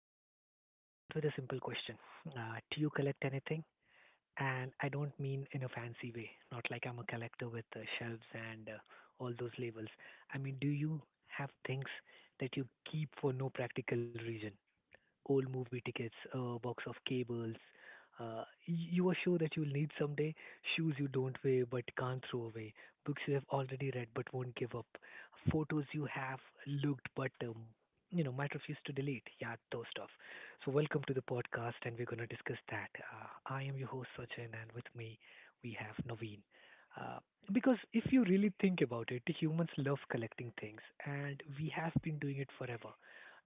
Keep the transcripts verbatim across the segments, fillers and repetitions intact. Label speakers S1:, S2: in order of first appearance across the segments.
S1: So uh, let's let me start with a simple question. Uh, do you collect anything? And I don't mean in a fancy way, not like I'm a collector with uh, shelves and uh, all those labels. I mean, do you have things that you keep for no practical reason? Old movie tickets, a box of cables. Uh, y- you are sure that you'll need someday. Shoes you don't wear but can't throw away. Books you have already read but won't give up. Photos you have looked but um, you know might refuse to delete. Yeah, those stuff. So welcome to the podcast, and we're gonna discuss that. Uh, I am your host Sachin, and with me we have Naveen. Uh, because if you really think about it, humans love collecting things, and we have been doing it forever,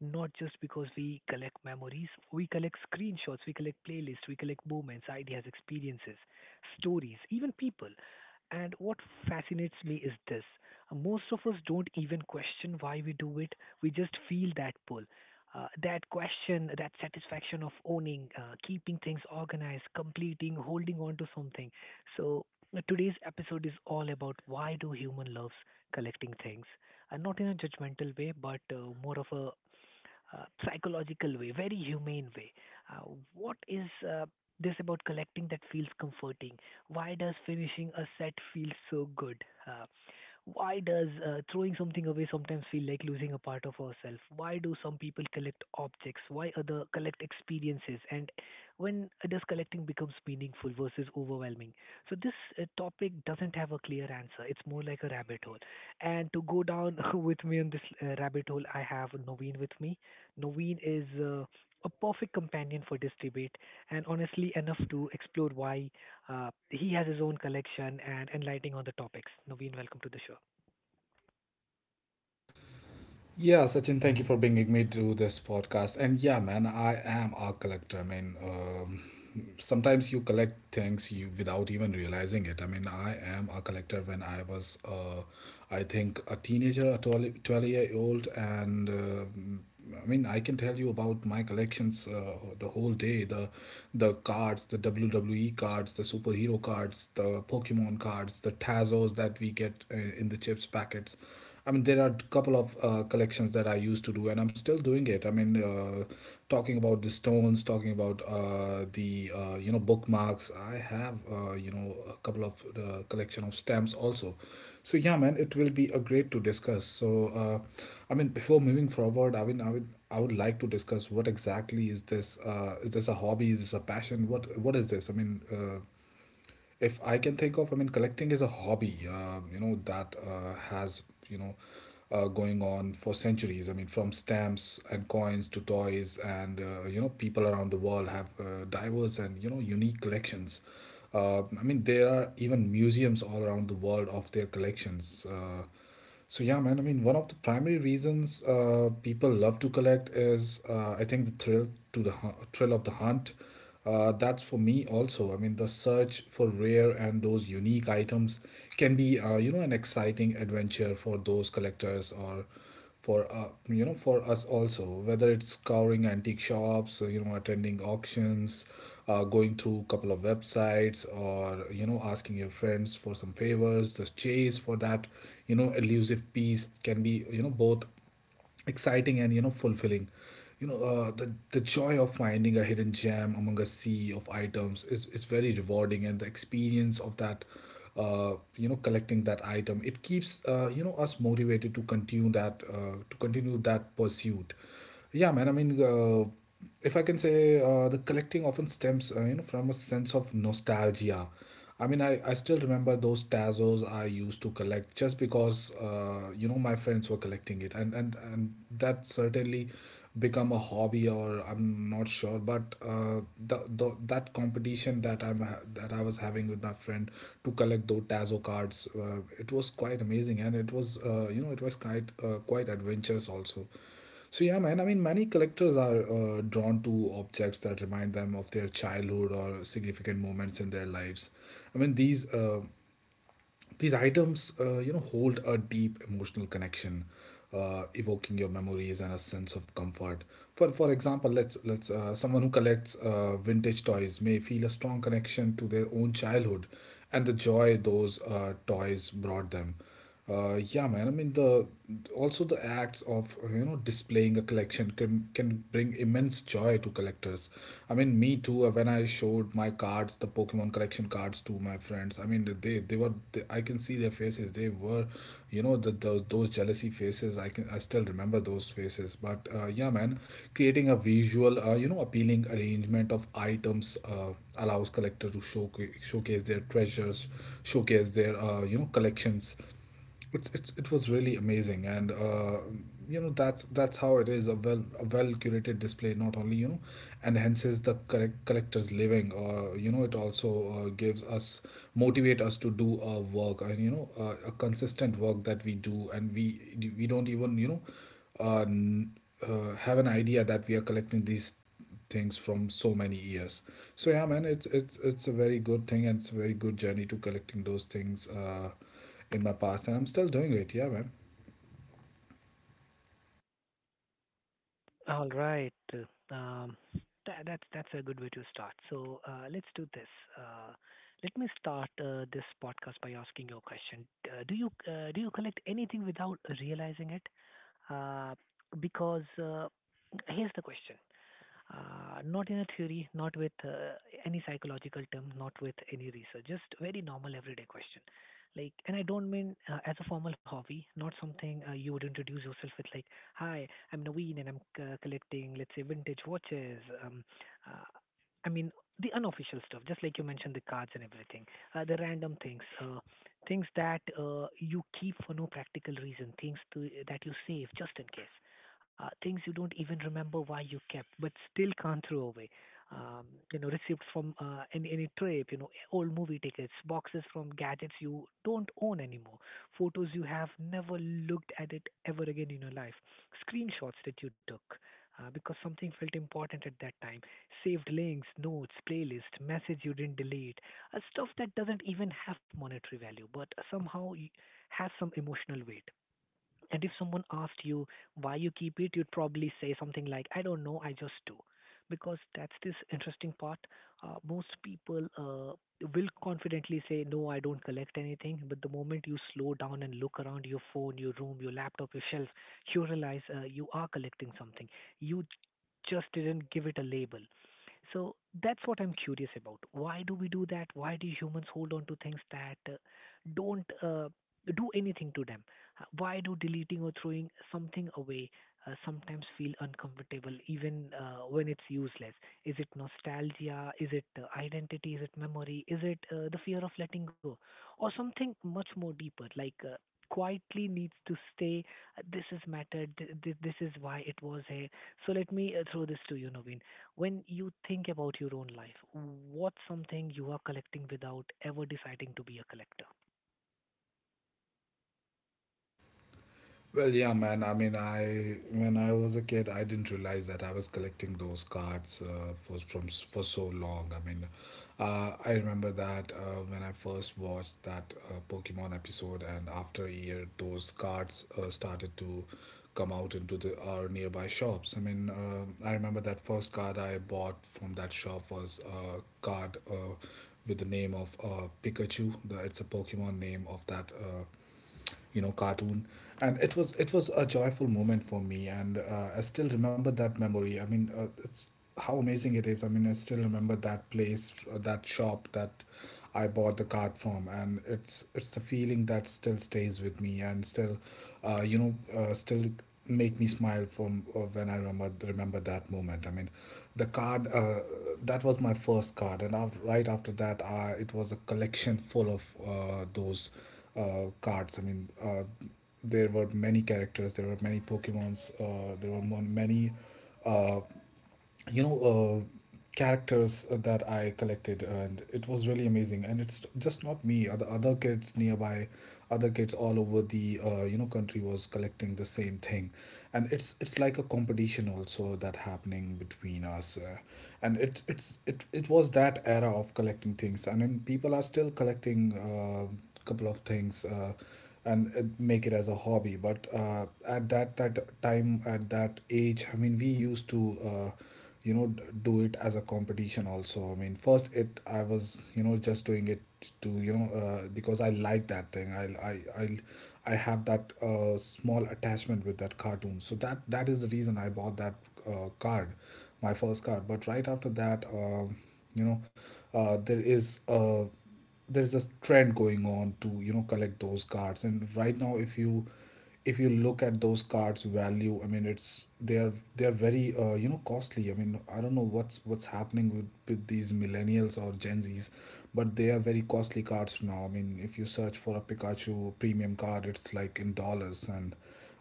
S1: not just because we collect memories, we collect screenshots, we collect playlists, we collect moments, ideas, experiences, stories, even people. And what fascinates me is this: most of us don't even question why we do it, we just feel that pull. Uh, that question, that satisfaction of owning, uh, keeping things organized, completing, holding on to something. So, uh, today's episode is all about why do human loves collecting things, and not in a judgmental way but uh, more of a uh, psychological way, very humane way. Uh, what is uh, this about collecting that feels comforting? Why does finishing a set feel so good? Uh, why does uh, throwing something away sometimes feel like losing a part of ourselves? Why do some people collect objects? Why other collect experiences? And when does collecting becomes meaningful versus overwhelming? So this uh, topic doesn't have a clear answer. It's more like a rabbit hole. And to go down with me on this uh, rabbit hole, I have Naveen with me. Naveen is uh, a perfect companion for this debate and honestly enough to explore why uh, he has his own collection and enlightening on the topics. Naveen, welcome to the show.
S2: Yeah, Sachin, thank you for bringing me to this podcast. And yeah, man, I am a collector. I mean, um, sometimes you collect things you without even realizing it. I mean, I am a collector when I was, uh, I think, a teenager, a twelve, twelve year old, and um I mean, I can tell you about my collections uh, the whole day. The the cards, the W W E cards, the superhero cards, the Pokemon cards, the Tazos that we get uh, in the chips packets. I mean, there are a couple of uh, collections that I used to do, and I'm still doing it. I mean, uh, talking about the stones, talking about uh, the uh, you know bookmarks. I have uh, you know a couple of uh, collection of stamps also. So yeah, man, it will be a great to discuss. So uh, I mean, before moving forward, I mean, I would I would like to discuss what exactly is this? Uh, is this a hobby? Is this a passion? What what is this? I mean, uh, if I can think of, I mean, collecting is a hobby, uh, you know, that uh, has, you know, uh, going on for centuries. I mean, from stamps and coins to toys, and, uh, you know, people around the world have uh, diverse and, you know, unique collections. Uh, I mean, there are even museums all around the world of their collections. Uh, so yeah, man. I mean, one of the primary reasons uh, people love to collect is, uh, I think, the thrill to the hu- thrill of the hunt. Uh, that's for me also. I mean, the search for rare and those unique items can be, uh, you know, an exciting adventure for those collectors or for uh, you know for us also, whether it's scouring antique shops, uh, you know, attending auctions, uh, going through a couple of websites, or you know, asking your friends for some favors. The chase for that you know elusive piece can be you know both exciting and you know fulfilling, you know uh, the the joy of finding a hidden gem among a sea of items is is very rewarding, and the experience of that uh, you know collecting that item, it keeps uh, you know us motivated to continue that, uh, to continue that pursuit. Yeah man I mean uh, If I can say, uh, the collecting often stems uh, you know from a sense of nostalgia. I mean, I, I still remember those Tazos I used to collect just because, uh, you know, my friends were collecting it. And, and, and that certainly become a hobby, or I'm not sure. But uh, the, the, that competition that, I'm, ha- that I was having with my friend to collect those Tazo cards, uh, it was quite amazing. And it was, uh, you know, it was quite, uh, quite adventurous also. So yeah, man. I mean, many collectors are uh, drawn to objects that remind them of their childhood or significant moments in their lives. I mean, these uh, these items, uh, you know, hold a deep emotional connection, uh, evoking your memories and a sense of comfort. For for example, let's let's uh, someone who collects uh, vintage toys may feel a strong connection to their own childhood and the joy those uh, toys brought them. Uh, yeah, man. I mean, the Also the acts of you know displaying a collection can can bring immense joy to collectors. I mean, me too. uh, When I showed my cards, the Pokemon collection cards, to my friends, I mean, they they were they, I can see their faces. They were, you know, the, those those jealousy faces. I can I still remember those faces. But uh, yeah, man, creating a visual, uh, you know, appealing arrangement of items uh, allows collector to show showcase their treasures, showcase their uh, you know collections. It's, it's it was really amazing, and uh, you know that's that's how it is. A well a well curated display not only you know enhances the correct collector's living, uh, you know it also uh, gives us motivate us to do our work, and you know uh, a consistent work that we do, and we we don't even you know uh, n- uh, have an idea that we are collecting these things from so many years. So yeah, man, it's it's it's a very good thing, and it's a very good journey to collecting those things. Uh, in my past, and I'm still doing it. Yeah, man.
S1: All right. uh, Um, that, that's that's a good way to start. So uh, let's do this. Uh, let me start uh, this podcast by asking you a question. Uh, do you uh, do you collect anything without realizing it? Uh, because uh, Here's the question: uh, not in a theory, not with uh, any psychological term, not with any research, just very normal everyday question. Like, and I don't mean uh, as a formal hobby, not something uh, you would introduce yourself with, like, "Hi, I'm Naveen, and I'm uh, collecting, let's say, vintage watches." Um, uh, I mean, the unofficial stuff, just like you mentioned, the cards and everything, uh, the random things, uh, things that uh, you keep for no practical reason, things to, that you save just in case, uh, things you don't even remember why you kept, but still can't throw away. Um, you know, received from uh, any any trip, you know, old movie tickets, boxes from gadgets you don't own anymore, photos you have never looked at it ever again in your life, screenshots that you took uh, because something felt important at that time, saved links, notes, playlist, message you didn't delete, uh, stuff that doesn't even have monetary value but somehow y- has some emotional weight. And if someone asked you why you keep it, you'd probably say something like, I don't know, I just do. Because that's this interesting part. Uh, most people uh, will confidently say, No, I don't collect anything. But the moment you slow down and look around your phone, your room, your laptop, your shelf, you realize uh, you are collecting something. You just didn't give it a label. So that's what I'm curious about. Why do we do that? Why do humans hold on to things that uh, don't uh, do anything to them? Why do deleting or throwing something away uh, sometimes feel uncomfortable, even uh, when it's useless? Is it nostalgia? Is it uh, identity? Is it memory? Is it uh, the fear of letting go? Or something much more deeper, like uh, quietly needs to stay. uh, This is mattered. th- th- This is why it was here. So let me uh, throw this to you, Naveen. When you think about your own life, what's something you are collecting without ever deciding to be a collector?
S2: Well, yeah, man. I mean, I when I was a kid, I didn't realize that I was collecting those cards uh, for from s- for so long. I mean, uh, I remember that uh, when I first watched that uh, Pokemon episode, and after a year, those cards uh, started to come out into the our nearby shops. I mean, uh, I remember that first card I bought from that shop was a card uh, with the name of uh, Pikachu. The, it's a Pokemon name of that. Uh, you know cartoon. And it was it was a joyful moment for me, and uh, I still remember that memory. I mean, uh, it's how amazing it is. I mean, I still remember that place, uh, that shop that I bought the card from, and it's it's the feeling that still stays with me and still uh, you know uh, still make me smile from uh, when I remember remember that moment. I mean, the card uh, that was my first card, and af right after that uh, it was a collection full of uh, those uh, cards. I mean, uh, there were many characters, there were many Pokemons, uh, there were mon- many, uh, you know, uh, characters that I collected, and it was really amazing. And it's just not me; other other kids nearby, other kids all over the uh, you know country was collecting the same thing, and it's it's like a competition also that happening between us, uh, and it it's it it was that era of collecting things, and then people are still collecting. Uh, couple of things, uh, and uh, make it as a hobby. But uh, at that that time, at that age, I mean, we used to uh, you know d- do it as a competition also. I mean, first it I was you know just doing it to you know uh, because I like that thing. i i i I have that uh, small attachment with that cartoon, so that that is the reason I bought that uh, card, my first card. But right after that, um, you know uh, there is a, there is a trend going on to you know collect those cards. And right now, if you, if you look at those cards value, I mean, it's they are they are very uh, you know costly. I mean, I don't know what's what's happening with, with these millennials or gen z's, but they are very costly cards now. I mean, if you search for a Pikachu premium card, it's like in dollars, and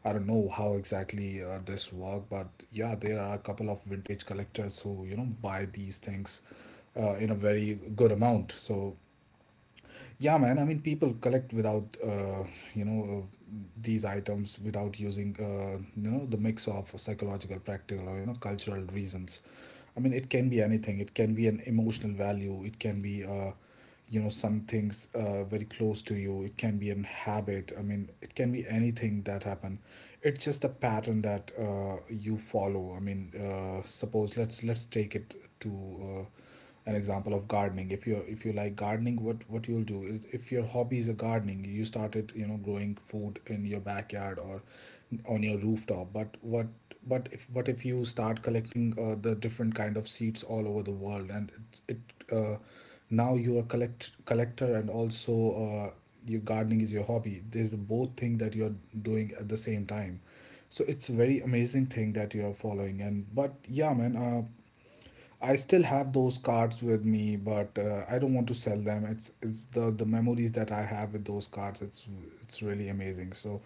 S2: I don't know how exactly uh, this work. But yeah, there are a couple of vintage collectors who you know buy these things uh, in a very good amount. So yeah, man. I mean, people collect without, uh, you know, uh, these items without using, uh, you know, the mix of psychological, practical, or, you know, cultural reasons. I mean, it can be anything. It can be an emotional value. It can be, uh, you know, some things uh, very close to you. It can be an habit. I mean, it can be anything that happen. It's just a pattern that uh, you follow. I mean, uh, suppose, let's let's take it to. Uh, an example of gardening. If you, if you like gardening, what what you'll do is, if your hobby is a gardening, you started you know growing food in your backyard or on your rooftop. But what but if but if you start collecting uh, the different kind of seeds all over the world, and it, it uh, now you are collect collector, and also uh, your gardening is your hobby, there's both thing that you're doing at the same time. So it's a very amazing thing that you're following. And but yeah, man, uh, I still have those cards with me, but uh, I don't want to sell them. It's it's the the memories that I have with those cards. It's it's really amazing. So,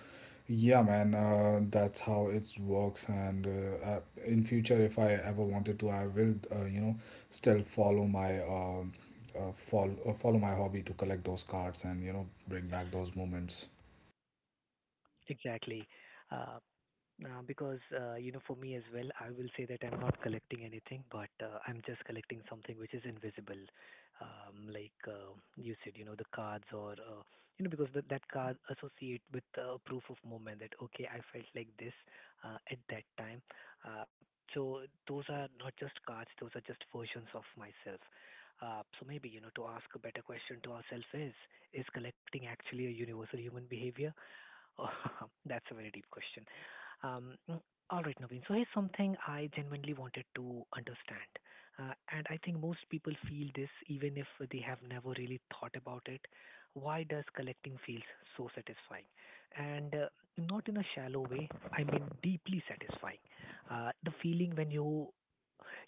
S2: yeah, man, uh, that's how it works. And uh, uh, In future, if I ever wanted to, I will, uh, you know, still follow my um uh, follow uh, follow my hobby to collect those cards and you know bring back those moments.
S1: Exactly. Uh, Uh, because uh, You know, for me as well, I will say that I'm not collecting anything, but uh, I'm just collecting something which is invisible, um, like uh, you said, you know, the cards or uh, you know, because that that card associate with uh, proof of moment that okay, I felt like this uh, at that time. Uh, so those are not just cards; those are just versions of myself. Uh, so maybe you know, to ask a better question to ourselves is: Is collecting actually a universal human behavior? Oh, that's a very deep question. Um, mm, all right, Naveen. So here's something I genuinely wanted to understand, uh, and I think most people feel this even if they have never really thought about it. Why does collecting feels so satisfying? And uh, not in a shallow way. I mean, deeply satisfying. Uh, the feeling when you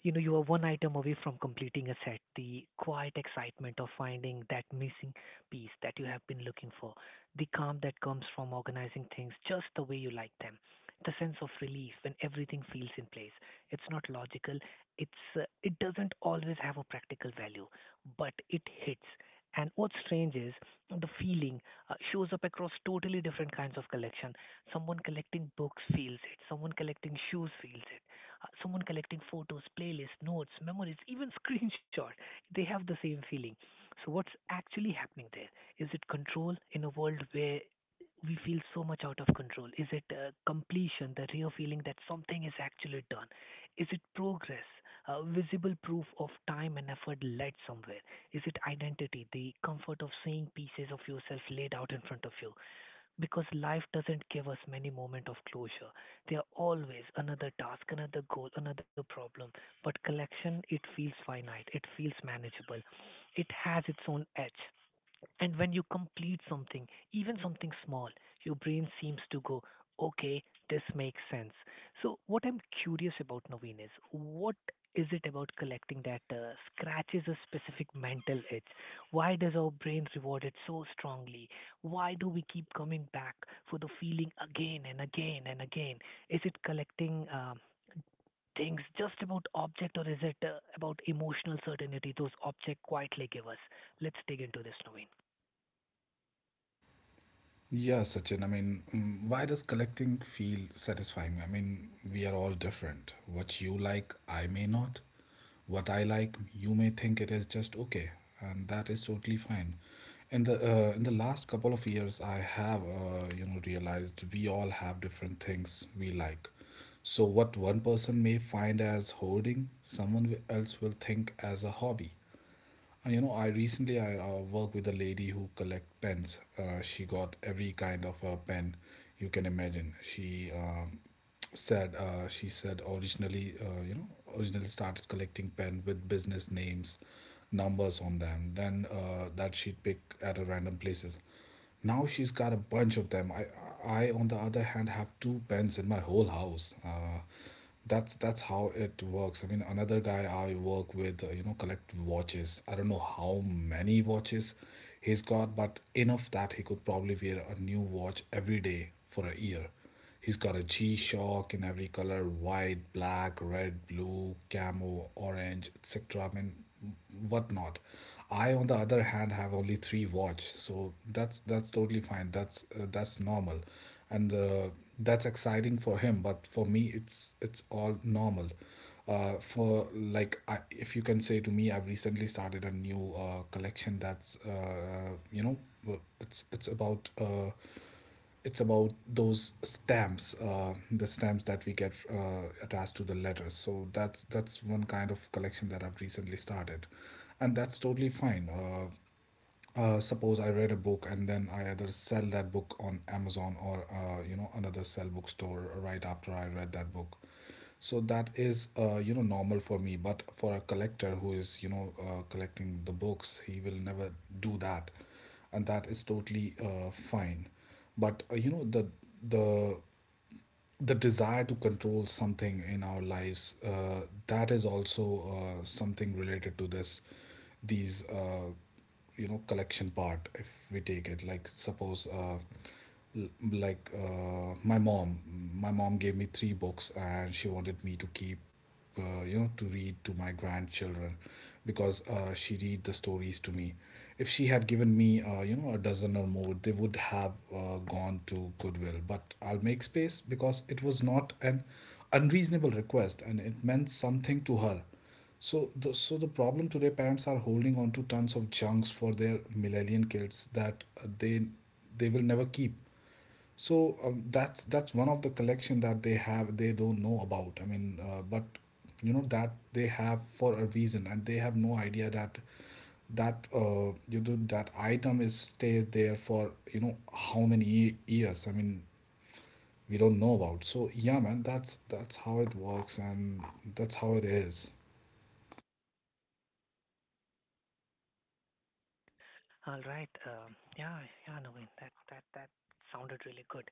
S1: you know, you are one item away from completing a set. The quiet excitement of finding that missing piece that you have been looking for, the calm that comes from organizing things just the way you like them, the sense of relief when everything feels in place. It's not logical. It's uh, it doesn't always have a practical value, but it hits. And what's strange is the feeling uh, shows up across totally different kinds of collection. Someone collecting books feels it. Someone collecting shoes feels it, uh, someone collecting photos, playlists, notes, memories, even screenshots, they have the same feeling. So, what's actually happening there? Is it control in a world where we feel so much out of control? Is it uh, completion, the real feeling that something is actually done? Is it progress, uh, visible proof of time and effort led somewhere? Is it identity, the comfort of seeing pieces of yourself laid out in front of you? Because life doesn't give us many moments of closure. They are always another task, another goal, another problem. But collection, it feels finite, it feels manageable, it has its own edge. And when you complete something, even something small, your brain seems to go, okay, this makes sense. So, what I'm curious about, Naveen, is what is it about collecting that uh, scratches a specific mental itch? Why does our brain reward it so strongly? Why do we keep coming back for the feeling again and again and again? Is it collecting um, things just about object or is it uh, about emotional certainty those objects quietly give us? Let's dig into this, Naveen.
S2: Yeah, Sachin. I mean, mm, why does collecting feel satisfying? I mean, we are all different. What you like, I may not. What I like, you may think it is just okay, and that is totally fine. In the uh, in the last couple of years, I have uh, you know realized we all have different things we like. So what one person may find as hoarding, someone wi- else will think as a hobby. Uh, You know, I recently I uh, work with a lady who collect pens. Uh, she got every kind of uh, pen you can imagine. She um, said uh, she said originally uh, you know originally started collecting pen with business names, numbers on them. Then uh, that she'd pick at a random places. Now she's got a bunch of them. I, I on the other hand have two pens in my whole house. Uh, that's that's how it works. I mean, another guy I work with, uh, you know, collect watches. I don't know how many watches he's got, but enough that he could probably wear a new watch every day for a year. He's got a G Shock in every color: white, black, red, blue, camo, orange, et cetera. I mean, whatnot. I, on the other hand, have only three watch, so that's that's totally fine. That's uh, that's normal, and uh, that's exciting for him. But for me, it's it's all normal. Uh, for like, I, if you can say to me, I've recently started a new uh, collection that's uh, you know, it's it's about uh, it's about those stamps uh, the stamps that we get uh, attached to the letters, so that's that's one kind of collection that I've recently started, and that's totally fine. Uh, uh, suppose I read a book and then I either sell that book on Amazon or uh, you know another sell bookstore right after I read that book, so that is uh, you know normal for me, but for a collector who is you know uh, collecting the books, he will never do that, and that is totally uh, fine. But uh, you know the the the desire to control something in our lives, uh, that is also uh, something related to this these uh, you know collection part. If we take it, like suppose uh, like uh, my mom my mom gave me three books and she wanted me to keep, uh, you know to read to my grandchildren, because uh, she read the stories to me. If she had given me uh, you know a dozen or more, they would have uh, gone to Goodwill, but I'll make space because it was not an unreasonable request and it meant something to her. So the so the problem today, parents are holding on to tons of junks for their millennial kids that uh, they they will never keep. So um, that's that's one of the collection that they have, they don't know about. I mean, uh, but you know that they have for a reason, and they have no idea that that uh, you know that item is stays there for you know how many ye- years. I mean, we don't know about. So yeah, man, that's that's how it works, and that's how it is.
S1: All right. Um, yeah, yeah, Naveen, that that that sounded really good.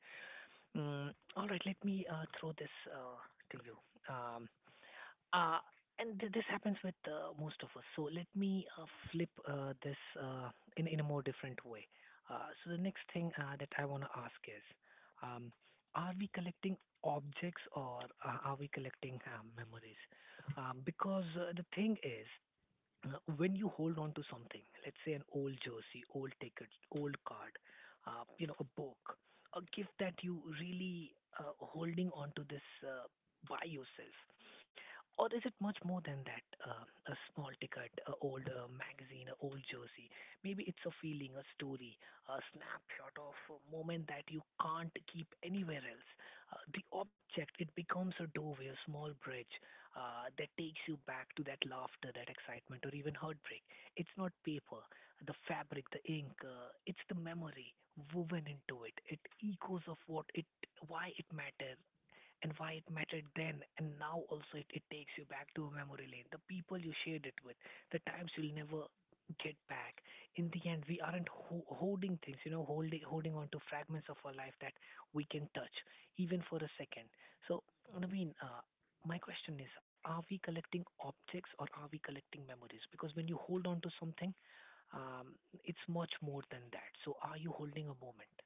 S1: Mm, all right, let me uh, throw this uh, to you. Um, uh, and th- this happens with uh, most of us. So let me uh, flip uh, this uh, in in a more different way. Uh, so the next thing uh, that I want to ask is, um, are we collecting objects or uh, are we collecting uh, memories? Um, because uh, The thing is, uh, when you hold on to something, let's say an old jersey, old ticket, old card, uh, you know, a book, a gift that you really uh, holding on to this uh, by yourself, or is it much more than that? Uh, a small ticket, an old uh, magazine, an old jersey. Maybe it's a feeling, a story, a snapshot of a moment that you can't keep anywhere else. Uh, the object it becomes a doorway, a small bridge, uh, that takes you back to that laughter, that excitement, or even heartbreak. It's not paper, the fabric, the ink, uh, it's the memory woven into it. It echoes of what it, why it matters, and why it mattered then and now also it, it takes you back to a memory lane, the people you shared it with, the times you'll never get back. In the end, we aren't ho- holding things, you know, holding holding on to fragments of our life that we can touch even for a second. So Naveen, uh, my question is are we collecting objects or are we collecting memories? Because when you hold on to something, um, it's much more than that. So are you holding a moment?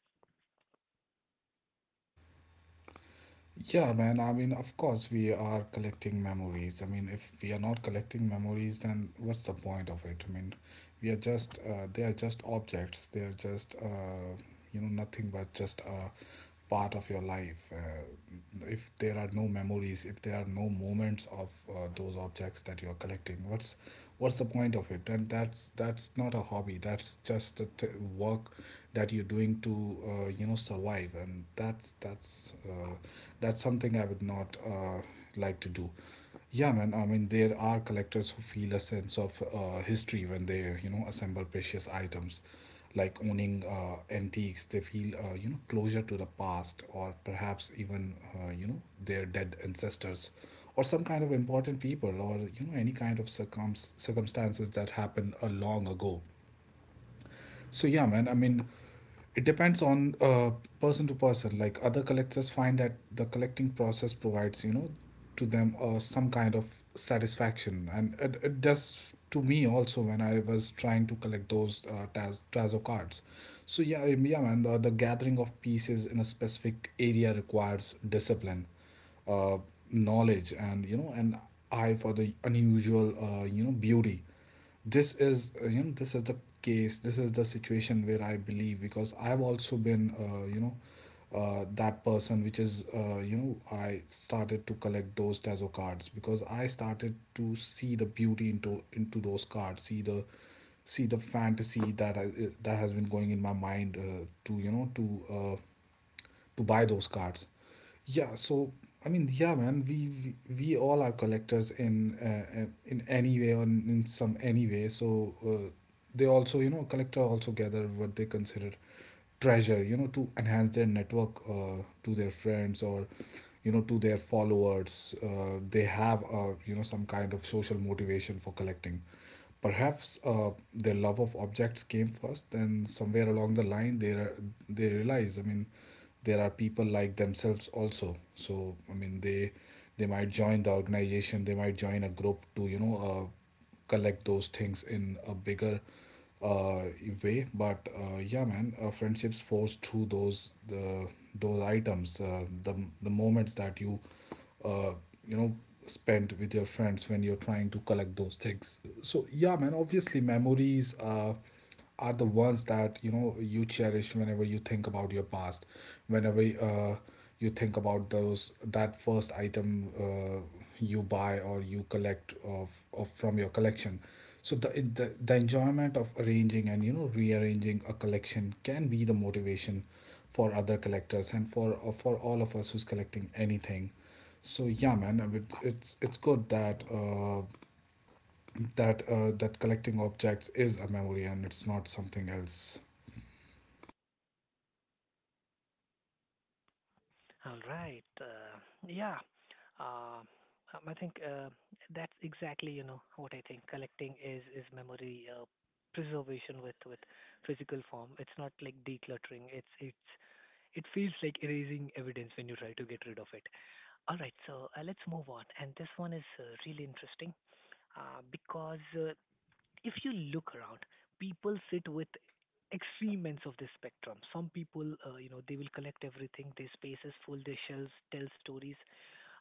S2: Yeah, man. I mean, of course, we are collecting memories. I mean, if we are not collecting memories, then what's the point of it? I mean, we are just, uh, they are just objects. They are just, uh, you know, nothing but just a part of your life. Uh, if there are no memories, if there are no moments of uh, those objects that you're collecting, what's what's the point of it? And that's that's not a hobby, that's just the th- work that you're doing to uh, you know survive, and that's that's uh, that's something I would not uh, like to do. Yeah, man. I mean, there are collectors who feel a sense of uh, history when they, you know, assemble precious items, like owning uh, antiques. They feel, uh, you know, closure to the past, or perhaps even, uh, you know, their dead ancestors, or some kind of important people, or you know, any kind of circums circumstances that happened a long ago. So yeah, man. I mean, it depends on uh, person to person. Like other collectors find that the collecting process provides, you know, to them uh, some kind of satisfaction, and it, it does to me also when I was trying to collect those uh, Taz Tazo cards. So yeah, I- yeah, man. The, the gathering of pieces in a specific area requires discipline, uh, knowledge, and you know, an eye for the unusual, uh, you know, beauty. This is uh, you know this is the case, this is the situation where I believe, because I've also been uh, you know uh, that person, which is uh, you know I started to collect those Tazo cards because I started to see the beauty into into those cards, see the see the fantasy that I, that has been going in my mind uh, to you know to uh, to buy those cards. Yeah, so I mean, yeah, man, we we, we all are collectors in uh, uh, in any way or in in some any way. So uh, they also, you know, collector also gather what they consider treasure, you know, to enhance their network uh, to their friends or you know to their followers. Uh, they have uh, you know some kind of social motivation for collecting. Perhaps uh, their love of objects came first, then somewhere along the line, they are, they realize. I mean, there are people like themselves also. So I mean, they they might join the organization, they might join a group to you know uh, collect those things in a bigger uh, way. But uh, yeah, man, uh, friendships force through those the those items, uh, the the moments that you uh, you know spent with your friends when you're trying to collect those things. So yeah, man, obviously memories uh, are the ones that you know you cherish whenever you think about your past, whenever uh, you think about those, that first item uh, you buy or you collect of, of from your collection. so the, it- the the enjoyment of arranging and you know rearranging a collection can be the motivation for other collectors and for uh, for all of us who's collecting anything. So yeah, man. I mean, it's it's, it's good that uh, that uh, that collecting objects is a memory and it's not something else.
S1: All right. Uh, yeah. Uh, um, I think uh, that's exactly you know what I think. Collecting is is memory uh, preservation with with physical form. It's not like decluttering. It's it's it feels like erasing evidence when you try to get rid of it. All right. So uh, let's move on. And this one is uh, really interesting uh, because uh, if you look around, people sit with extreme ends of the spectrum. Some people, uh, you know, they will collect everything. Their space is full, their shelves tell stories.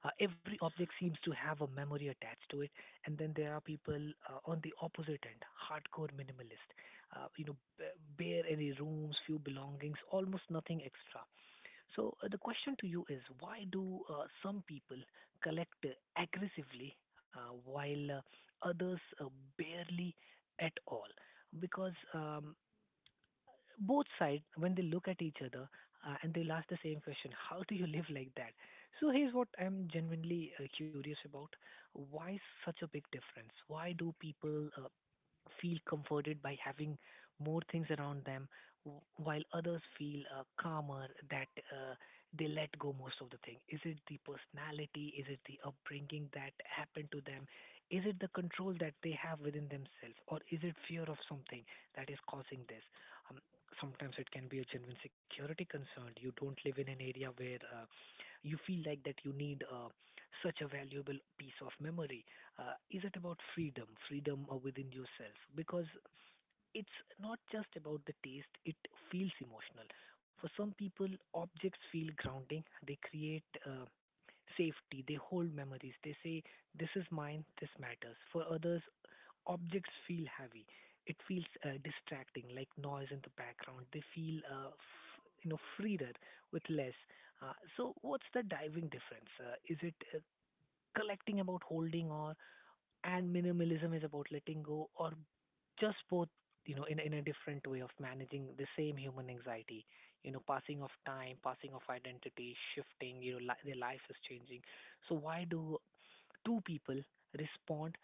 S1: Uh, every object seems to have a memory attached to it. And then there are people uh, on the opposite end, hardcore minimalist. Uh, you know, b- bare any rooms, few belongings, almost nothing extra. So uh, the question to you is, why do uh, some people collect uh, aggressively uh, while uh, others uh, barely at all? Because um, both sides, when they look at each other uh, and they'll ask the same question, how do you live like that? So here's what I'm genuinely uh, curious about. Why such a big difference? Why do people uh, feel comforted by having more things around them, w- while others feel uh, calmer that uh, they let go most of the thing? Is it the personality? Is it the upbringing that happened to them? Is it the control that they have within themselves, or is it fear of something that is causing this? Um, sometimes it can be a genuine security concern. You don't live in an area where uh, you feel like that you need uh, such a valuable piece of memory uh, is it about freedom, freedom uh, within yourself? Because it's not just about the taste, it feels emotional. For some people, objects feel grounding, they create uh, safety, they hold memories, they say, this is mine, this matters. For others, objects feel heavy, it feels uh, distracting, like noise in the background, they feel uh, f- you know, freer with less. Uh, so, what's the diving difference? Uh, is it uh, collecting about holding, or and minimalism is about letting go, or just both, you know, in, in a different way of managing the same human anxiety, you know, passing of time, passing of identity shifting, you know, li- their life is changing. So why do two people respond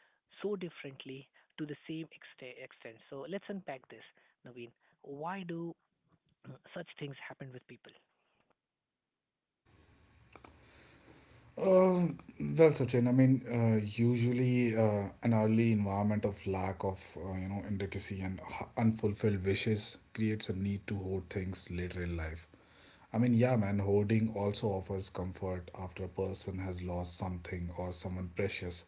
S1: so differently to the same extent extent So let's unpack this, Naveen. Why do such things happen with people?
S2: Uh, well, Sachin. I mean, uh, usually uh, an early environment of lack of uh, you know indelicacy and h- unfulfilled wishes creates a need to hoard things later in life. I mean, yeah, man. Hoarding also offers comfort after a person has lost something or someone precious.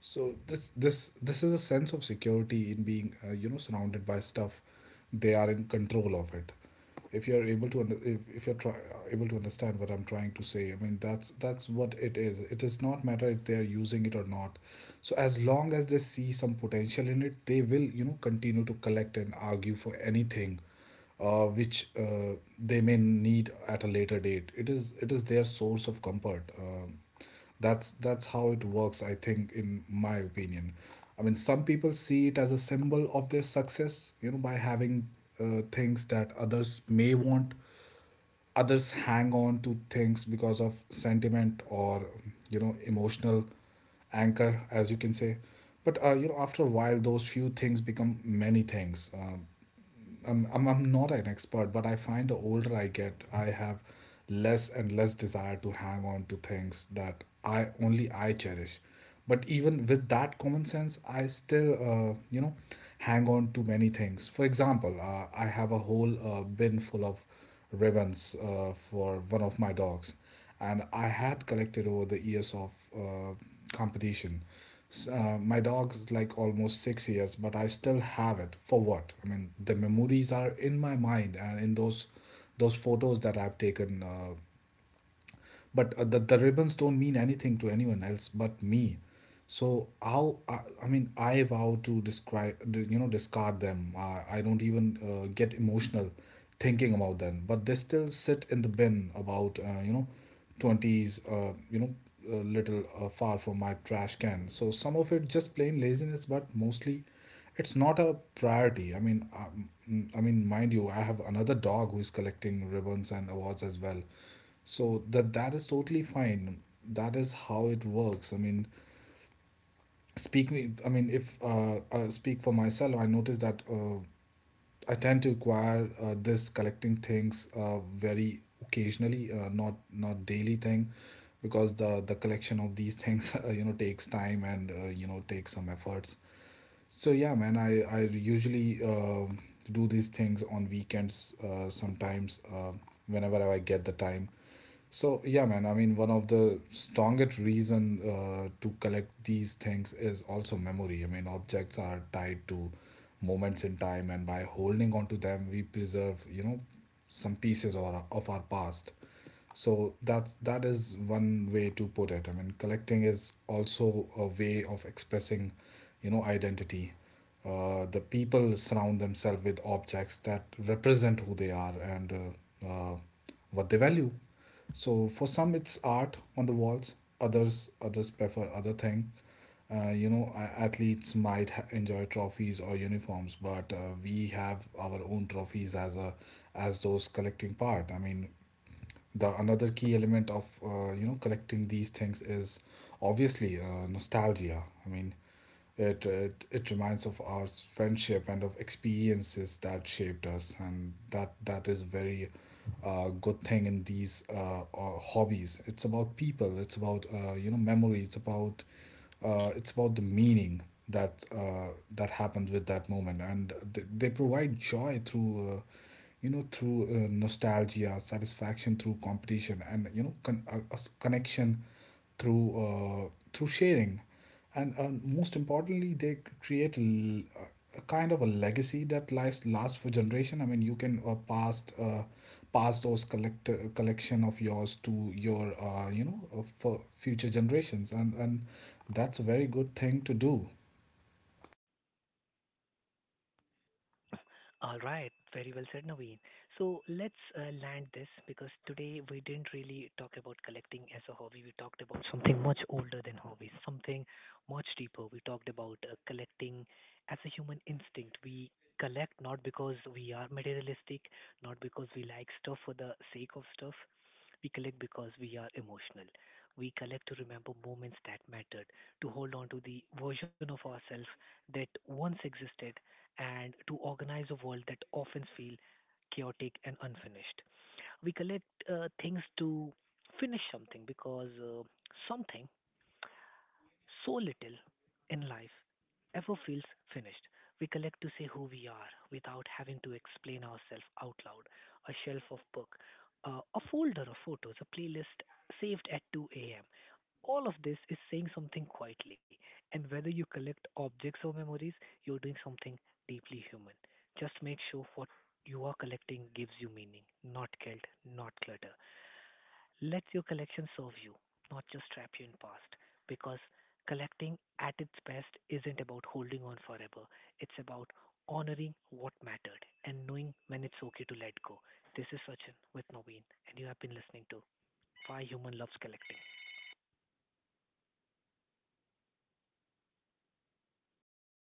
S2: So this this this is a sense of security in being uh, you know surrounded by stuff they are in control of it. If you're able to under- if, if you're try, uh, able to understand what I'm trying to say, I mean that's that's what it is. It does not matter if they are using it or not. So as long as they see some potential in it, they will you know continue to collect and argue for anything uh, which uh, they may need at a later date. It is it is their source of comfort. Um, that's that's how it works, I think, in my opinion. I mean, some people see it as a symbol of their success, you know, by having uh, things that others may want. Others hang on to things because of sentiment or, you know, emotional anchor, as you can say. But uh, you know, after a while, those few things become many things. Um, I'm, I'm I'm not an expert, but I find the older I get, I have less and less desire to hang on to things that I only I cherish. But even with that common sense, I still uh, you know hang on to many things. For example, uh, I have a whole uh, bin full of ribbons uh, for one of my dogs, and I had collected over the years of uh, competition. S- Uh, my dog's like almost six years, but I still have it. For what? I mean, the memories are in my mind and in those those photos that I've taken. Uh, but uh, the, the ribbons don't mean anything to anyone else but me, so how i, I mean I vow to describe you know discard them, i, I don't even uh, get emotional thinking about them, but they still sit in the bin about uh, you know twenty s uh, you know a little uh, far from my trash can. So some of it just plain laziness, but mostly it's not a priority. I mean, um, mm, I mean, mind you, I have another dog who is collecting ribbons and awards as well. So that that is totally fine. That is how it works. I mean, speak me. I mean, if uh, I speak for myself, I notice that uh, I tend to acquire uh, this collecting things uh, very occasionally, uh, not not daily thing, because the the collection of these things uh, you know takes time and uh, you know takes some efforts. So yeah, man, I I usually uh, do these things on weekends, uh, sometimes uh, whenever I get the time. So yeah, man, I mean one of the strongest reason uh, to collect these things is also memory. I mean objects are tied to moments in time, and by holding on to them, we preserve you know some pieces or of our past. so that's that is one way to put it. I mean collecting is also a way of expressing you know identity. Uh, the people surround themselves with objects that represent who they are and uh, uh, what they value. So for some it's art on the walls, others others prefer other thing. Uh, you know a- athletes might ha- enjoy trophies or uniforms, but uh, we have our own trophies as a as those collecting part. I mean the another key element of uh, you know collecting these things is obviously uh, nostalgia. I mean it, it it reminds of our s- friendship and of experiences that shaped us, and that that is very uh, good thing in these uh, uh, hobbies. It's about people, it's about uh, you know memory, it's about uh, it's about the meaning that uh, that happened with that moment, and they, they provide joy through uh, you know through uh, nostalgia, satisfaction through competition, and you know con- a, a s- connection through uh, through sharing. And uh, most importantly they create l- a kind of a legacy that lies lasts for generation. I mean you can uh, pass uh, pass those collect uh, collection of yours to your uh, you know uh, for future generations, and and that's a very good thing to do.
S1: All right, very well said, Naveen. So let's uh, land this, because today we didn't really talk about collecting as a hobby. We talked about something much older than hobbies, something much deeper. We talked about uh, collecting as a human instinct. We collect not because we are materialistic, not because we like stuff for the sake of stuff. We collect because we are emotional. We collect to remember moments that mattered, to hold on to the version of ourselves that once existed, and to organize a world that often feels chaotic and unfinished. We collect uh, things to finish something, because uh, something so little in life ever feels finished. We collect to say who we are without having to explain ourselves out loud. A shelf of book, uh, a folder of photos, a playlist saved at two a m. All of this is saying something quietly, and whether you collect objects or memories, you're doing something deeply human. Just make sure what you are collecting gives you meaning, not guilt, not clutter. Let your collection serve you, not just trap you in past. Because collecting at its best isn't about holding on forever. It's about honoring what mattered and knowing when it's okay to let go. This is Sachin with Naveen, and you have been listening to Why Human Loves Collecting.